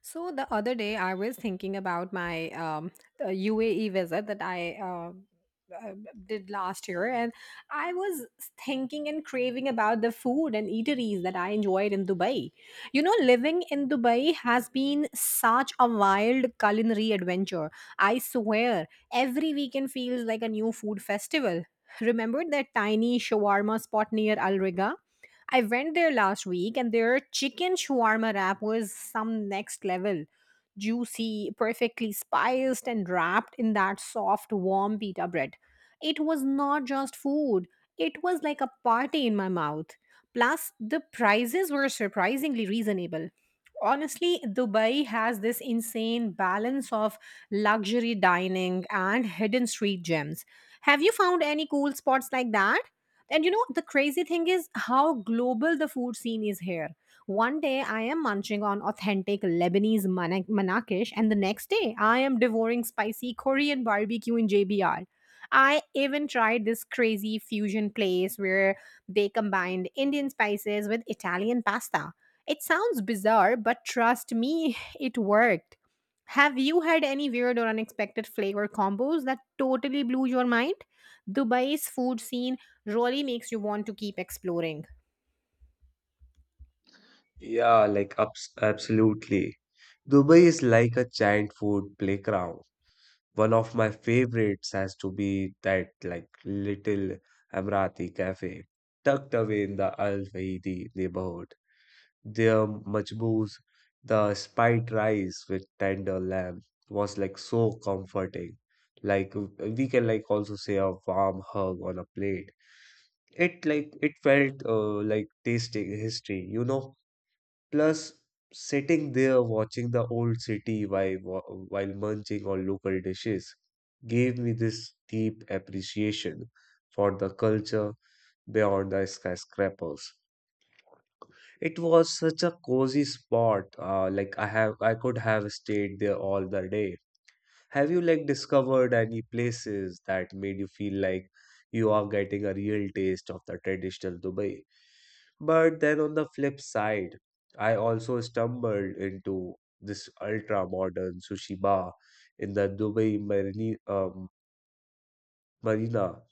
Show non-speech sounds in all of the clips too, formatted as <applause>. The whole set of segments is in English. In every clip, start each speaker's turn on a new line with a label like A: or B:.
A: So the other day, I was thinking about my UAE visit that I uh, did last year, and I was thinking and craving about the food and eateries that I enjoyed in Dubai. You know, living in Dubai has been such a wild culinary adventure. I swear, every weekend feels like a new food festival. Remember that tiny shawarma spot near Al Riga? I went there last week and their chicken shawarma wrap was some next level. Juicy, perfectly spiced, and wrapped in that soft, warm pita bread. It was not just food, it was like a party in my mouth. Plus, the prices were surprisingly reasonable. Honestly, Dubai has this insane balance of luxury dining and hidden street gems. Have you found any cool spots like that? And you know, the crazy thing is how global the food scene is here. One day I am munching on authentic Lebanese manakish, and the next day I am devouring spicy Korean barbecue in JBR. I even tried this crazy fusion place where they combined Indian spices with Italian pasta. It sounds bizarre, but trust me, <laughs> it worked. Have you had any weird or unexpected flavor combos that totally blew your mind? Dubai's food scene really makes you want to keep exploring.
B: Yeah, like absolutely. Dubai is like a giant food playground. One of my favorites has to be that like little Emirati cafe tucked away in the Al Fahidi neighborhood. Their majbouz, the spiced rice with tender lamb was like so comforting. Like we can like also say a warm hug on a plate. It felt like tasting history, you know? Plus, sitting there watching the old city while munching on local dishes gave me this deep appreciation for the culture beyond the skyscrapers. It was such a cozy spot, like I could have stayed there all the day. Have you like discovered any places that made you feel like you are getting a real taste of the traditional Dubai? But then on the flip side, I also stumbled into this ultra modern sushi bar in the Dubai Marina,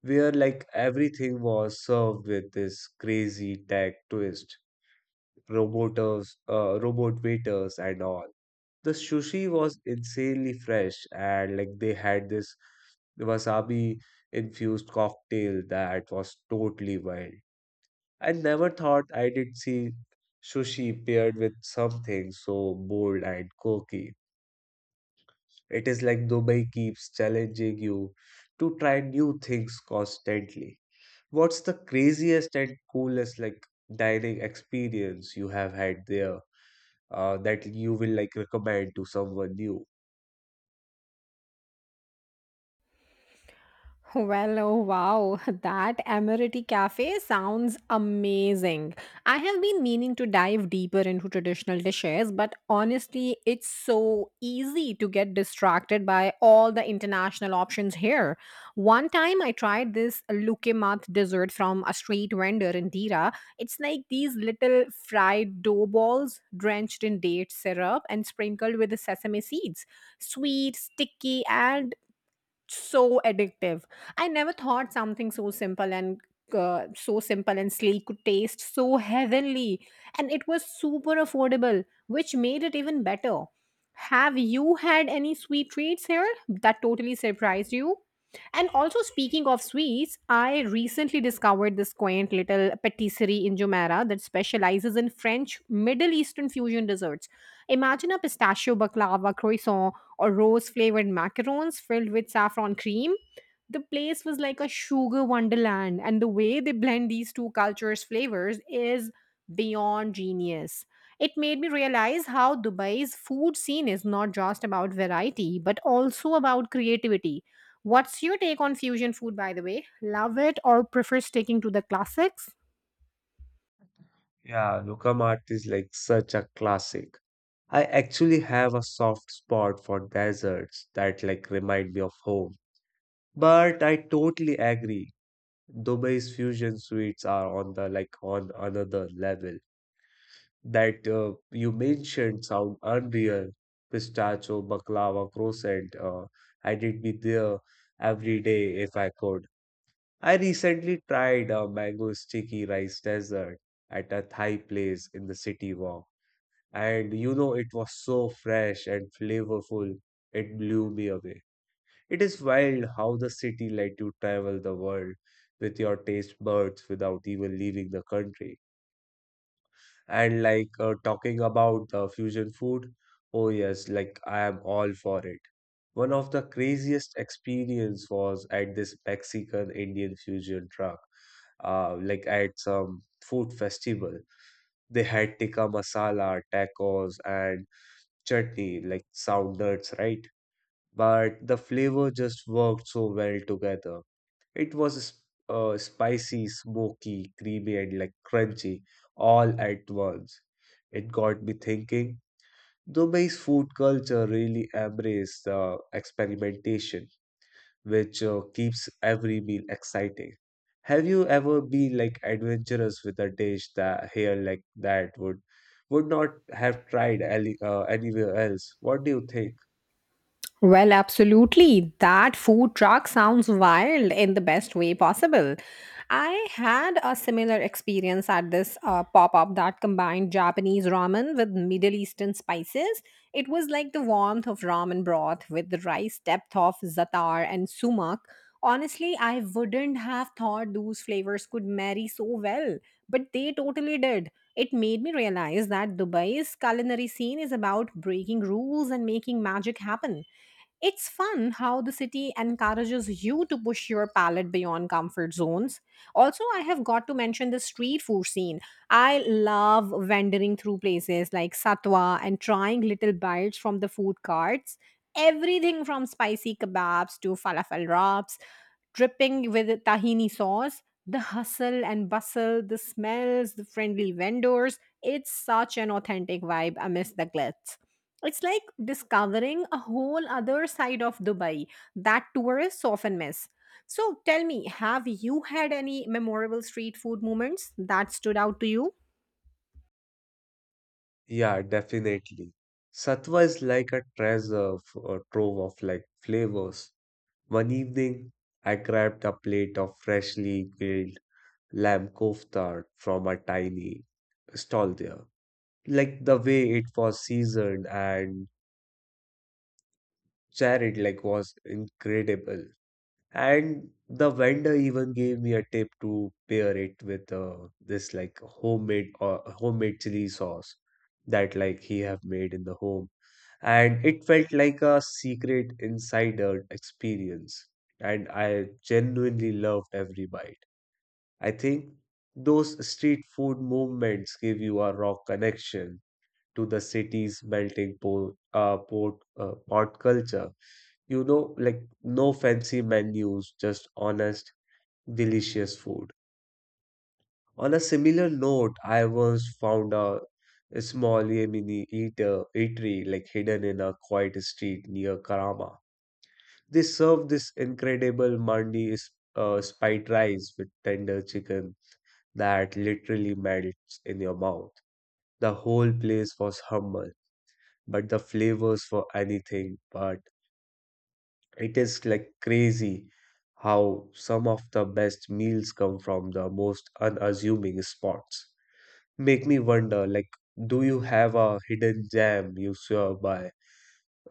B: where like everything was served with this crazy tech twist, robot waiters, and all the sushi was insanely fresh and like they had this wasabi infused cocktail that was totally wild. I never thought I did see sushi paired with something so bold and quirky. It is like Dubai keeps challenging you to try new things constantly. What's the craziest and coolest like dining experience you have had there that you will like recommend to someone new?
A: Well, oh wow, <laughs> that Emirati Cafe sounds amazing. I have been meaning to dive deeper into traditional dishes, but honestly, it's so easy to get distracted by all the international options here. One time I tried this lukemat dessert from a street vendor in Dira. It's like these little fried dough balls drenched in date syrup and sprinkled with the sesame seeds. Sweet, sticky, and so addictive. I never thought something so simple and sleek could taste so heavenly, and it was super affordable, which made it even better. Have you had any sweet treats here that totally surprised you? And also, speaking of sweets, I recently discovered this quaint little patisserie in Jumeirah that specializes in French Middle Eastern fusion desserts. Imagine a pistachio baklava croissant or rose flavored macarons filled with saffron cream. The place was like a sugar wonderland, and the way they blend these two cultures' flavors is beyond genius. It made me realize how Dubai's food scene is not just about variety, but also about creativity. What's your take on fusion food, by the way? Love it or prefer sticking to the classics?
B: Yeah, Nukkam art is like such a classic. I actually have a soft spot for deserts that like remind me of home. But I totally agree. Dubai's fusion sweets are on the like on another level. That you mentioned sound unreal. Pistachio, baklava, croissant. I did be there every day if I could. I recently tried a mango sticky rice dessert at a Thai place in the city walk, and you know, it was so fresh and flavorful, it blew me away. It is wild how the city let you travel the world with your taste buds without even leaving the country. And like talking about the fusion food, oh yes, like I am all for it. One of the craziest experience was at this Mexican Indian fusion truck, like at some food festival. They had tikka masala tacos and chutney, like sourdoughs, right? But the flavor just worked so well together. It was spicy, smoky, creamy, and like crunchy all at once. It got me thinking. Dubai's food culture really embraces the experimentation, which keeps every meal exciting. Have you ever been like adventurous with a dish that here like that would not have tried anywhere else? What do you think?
A: Well, absolutely. That food truck sounds wild in the best way possible. I had a similar experience at this pop up that combined Japanese ramen with Middle Eastern spices. It was like the warmth of ramen broth with the rice depth of za'atar and sumac. Honestly, I wouldn't have thought those flavors could marry so well, but they totally did. It made me realize that Dubai's culinary scene is about breaking rules and making magic happen. It's fun how the city encourages you to push your palate beyond comfort zones. Also, I have got to mention the street food scene. I love wandering through places like Satwa and trying little bites from the food carts. Everything from spicy kebabs to falafel wraps, dripping with tahini sauce. The hustle and bustle, the smells, the friendly vendors. It's such an authentic vibe amidst the glitz. It's like discovering a whole other side of Dubai that tourists often miss. So tell me, have you had any memorable street food moments that stood out to you?
B: Yeah, definitely. Satwa is like a a trove of like flavors. One evening, I grabbed a plate of freshly grilled lamb kofta from a tiny stall there. Like the way it was seasoned and charred like was incredible. And the vendor even gave me a tip to pair it with this like homemade chili sauce that like he have made in the home. And it felt like a secret insider experience, and I genuinely loved every bite. I think those street food movements give you a raw connection to the city's pot culture, you know, like no fancy menus, just honest delicious food. On a similar note, I once found a small yemeni eatery like hidden in a quiet street near karama. They serve this incredible mandi, spiced rice with tender chicken that literally melts in your mouth. The whole place was humble, but the flavors were anything but. It is like crazy how some of the best meals come from the most unassuming spots. Make me wonder, like, do you have a hidden gem you swear by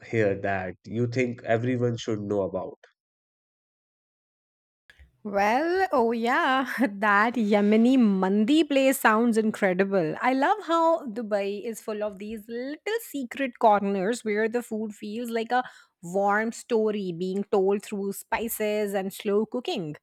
B: here that you think everyone should know about?
A: Well, oh yeah, <laughs> that Yemeni mandi place sounds incredible. I love how Dubai is full of these little secret corners where the food feels like a warm story being told through spices and slow cooking.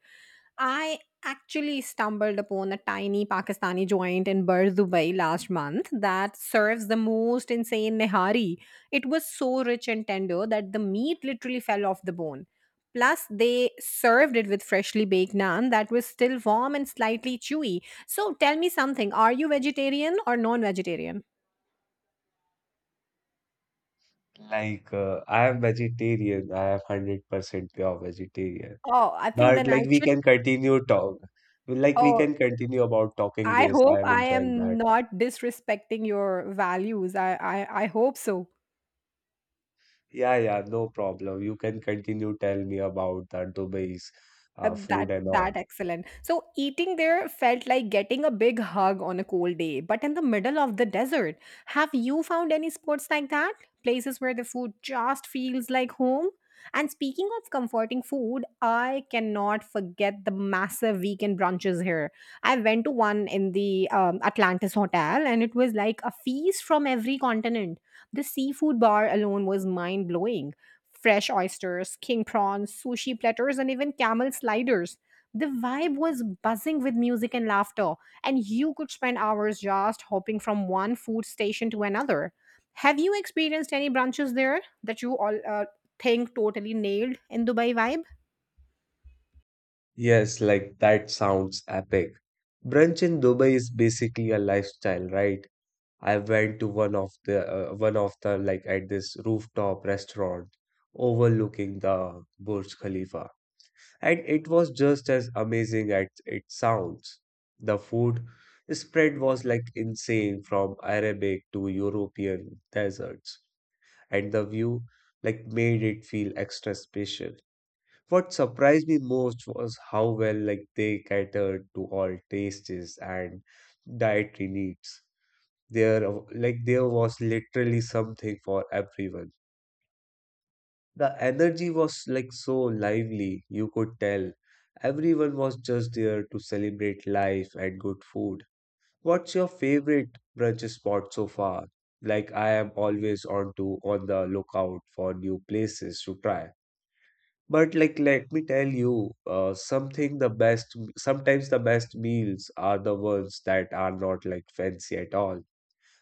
A: I actually stumbled upon a tiny Pakistani joint in Bur Dubai last month that serves the most insane nehari. It was so rich and tender that the meat literally fell off the bone. Plus, they served it with freshly baked naan that was still warm and slightly chewy. So, tell me something, are you vegetarian or non vegetarian?
B: Like, I am vegetarian. I am 100% pure vegetarian.
A: Oh, I think
B: But
A: then I
B: like, we
A: should.
B: can continue talk. Like, we
A: Oh,
B: can continue about talking
A: I
B: this. I
A: hope
B: am
A: I
B: enjoying
A: am
B: that.
A: not disrespecting your values. I hope so.
B: Yeah, yeah, no problem. You can continue tell me about the Dubai's
A: Uh, that
B: food and all.
A: that excellent. So eating there felt like getting a big hug on a cold day, but in the middle of the desert. Have you found any spots like that? Places where the food just feels like home? And speaking of comforting food, I cannot forget the massive weekend brunches here. I went to one in the Atlantis Hotel and it was like a feast from every continent. The seafood bar alone was mind blowing, fresh oysters, king prawns, sushi platters, and even camel sliders. The vibe was buzzing with music and laughter, and you could spend hours just hopping from one food station to another. Have you experienced any brunches there that you all think totally nailed in Dubai vibe?
B: Yes, like that sounds epic. Brunch in Dubai is basically a lifestyle, right? I went to one of the like at this rooftop restaurant overlooking the Burj Khalifa, and it was just as amazing as it sounds. The food spread was like insane, from Arabic to European deserts, and the view like made it feel extra special. What surprised me most was how well like they catered to all tastes and dietary needs. There was literally something for everyone. The energy was like so lively, you could tell. Everyone was just there to celebrate life and good food. What's your favorite brunch spot so far? Like I am always on the lookout for new places to try. But like let me tell you, something the best sometimes the best meals are the ones that are not like fancy at all.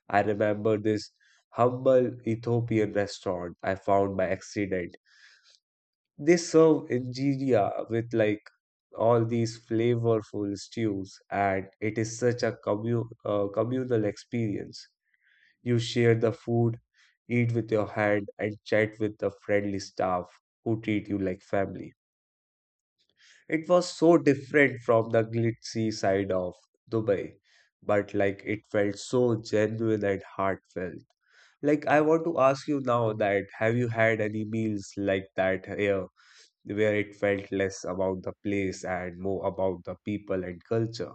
B: I remember this humble Ethiopian restaurant I found by accident. They serve injera with like all these flavorful stews, and it is such a communal experience. You share the food, eat with your hand, and chat with the friendly staff who treat you like family. It was so different from the glitzy side of Dubai, but like it felt so genuine and heartfelt. Like, I want to ask you now that have you had any meals like that here? Where it felt less about the place and more about the people and culture.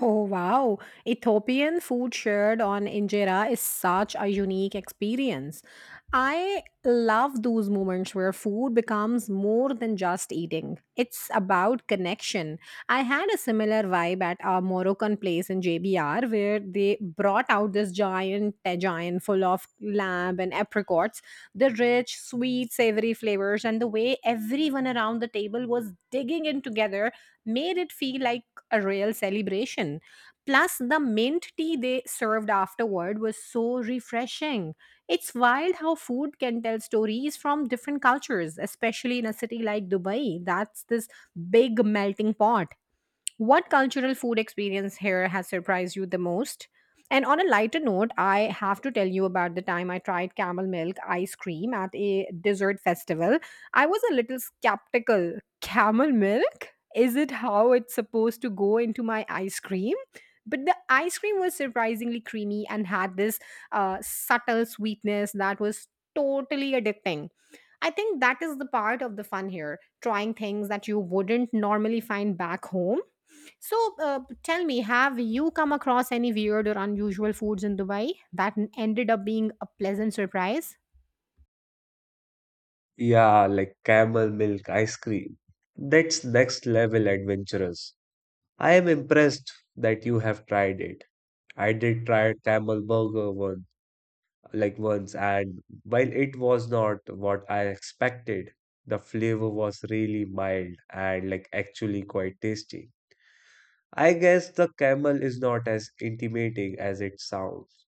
A: Oh wow, Ethiopian food shared on injera is such a unique experience. I love those moments where food becomes more than just eating. It's about connection. I had a similar vibe at a Moroccan place in JBR where they brought out this giant tajine full of lamb and apricots, the rich, sweet, savory flavors and the way everyone around the table was digging in together made it feel like a real celebration. Plus, the mint tea they served afterward was so refreshing. It's wild how food can tell stories from different cultures, especially in a city like Dubai. That's this big melting pot. What cultural food experience here has surprised you the most? And on a lighter note, I have to tell you about the time I tried camel milk ice cream at a dessert festival. I was a little skeptical. Camel milk? Is it how it's supposed to go into my ice cream? But the ice cream was surprisingly creamy and had this subtle sweetness that was totally addicting. I think that is the part of the fun here trying things that you wouldn't normally find back home. So, tell me, have you come across any weird or unusual foods in Dubai that ended up being a pleasant surprise?
B: Yeah, like camel milk ice cream. That's next level adventurous. I am impressed that you have tried it. I did try camel burger one, like once, and while it was not what I expected, the flavor was really mild and like actually quite tasty. I guess the camel is not as intimidating as it sounds.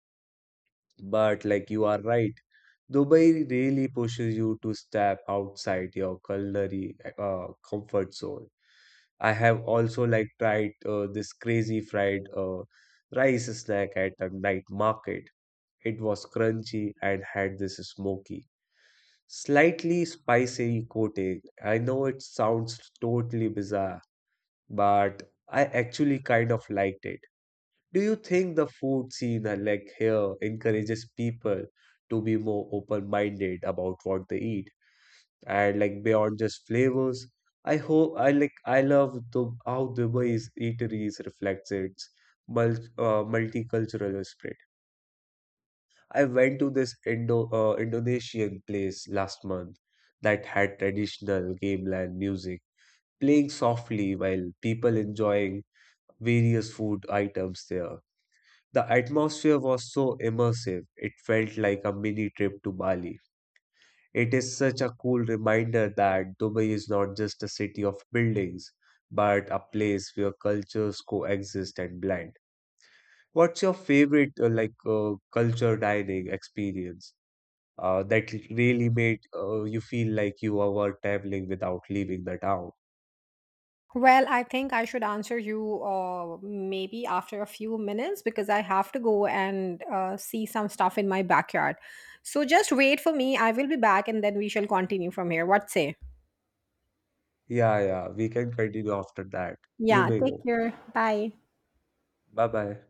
B: But like you are right, Dubai really pushes you to step outside your culinary comfort zone. I have also like tried this crazy fried rice snack at a night market. It was crunchy and had this smoky, slightly spicy coating. I know it sounds totally bizarre, but I actually kind of liked it. Do you think the food scene like here encourages people to be more open-minded about what they eat and like beyond just flavors? I hope I like I love the how Dubai's eateries reflects its multicultural spirit. I went to this Indonesian place last month that had traditional gamelan music playing softly while people enjoying various food items there. The atmosphere was so immersive, it felt like a mini trip to Bali. It is such a cool reminder that Dubai is not just a city of buildings, but a place where cultures coexist and blend. What's your favorite culture dining experience that really made you feel like you were traveling without leaving the town?
A: Well, I think I should answer you maybe after a few minutes because I have to go and see some stuff in my backyard. So just wait for me. I will be back and then we shall continue from here. What say?
B: Yeah, yeah, we can continue after that. You
A: Yeah,
B: may
A: take
B: go.
A: care. Bye.
B: Bye bye.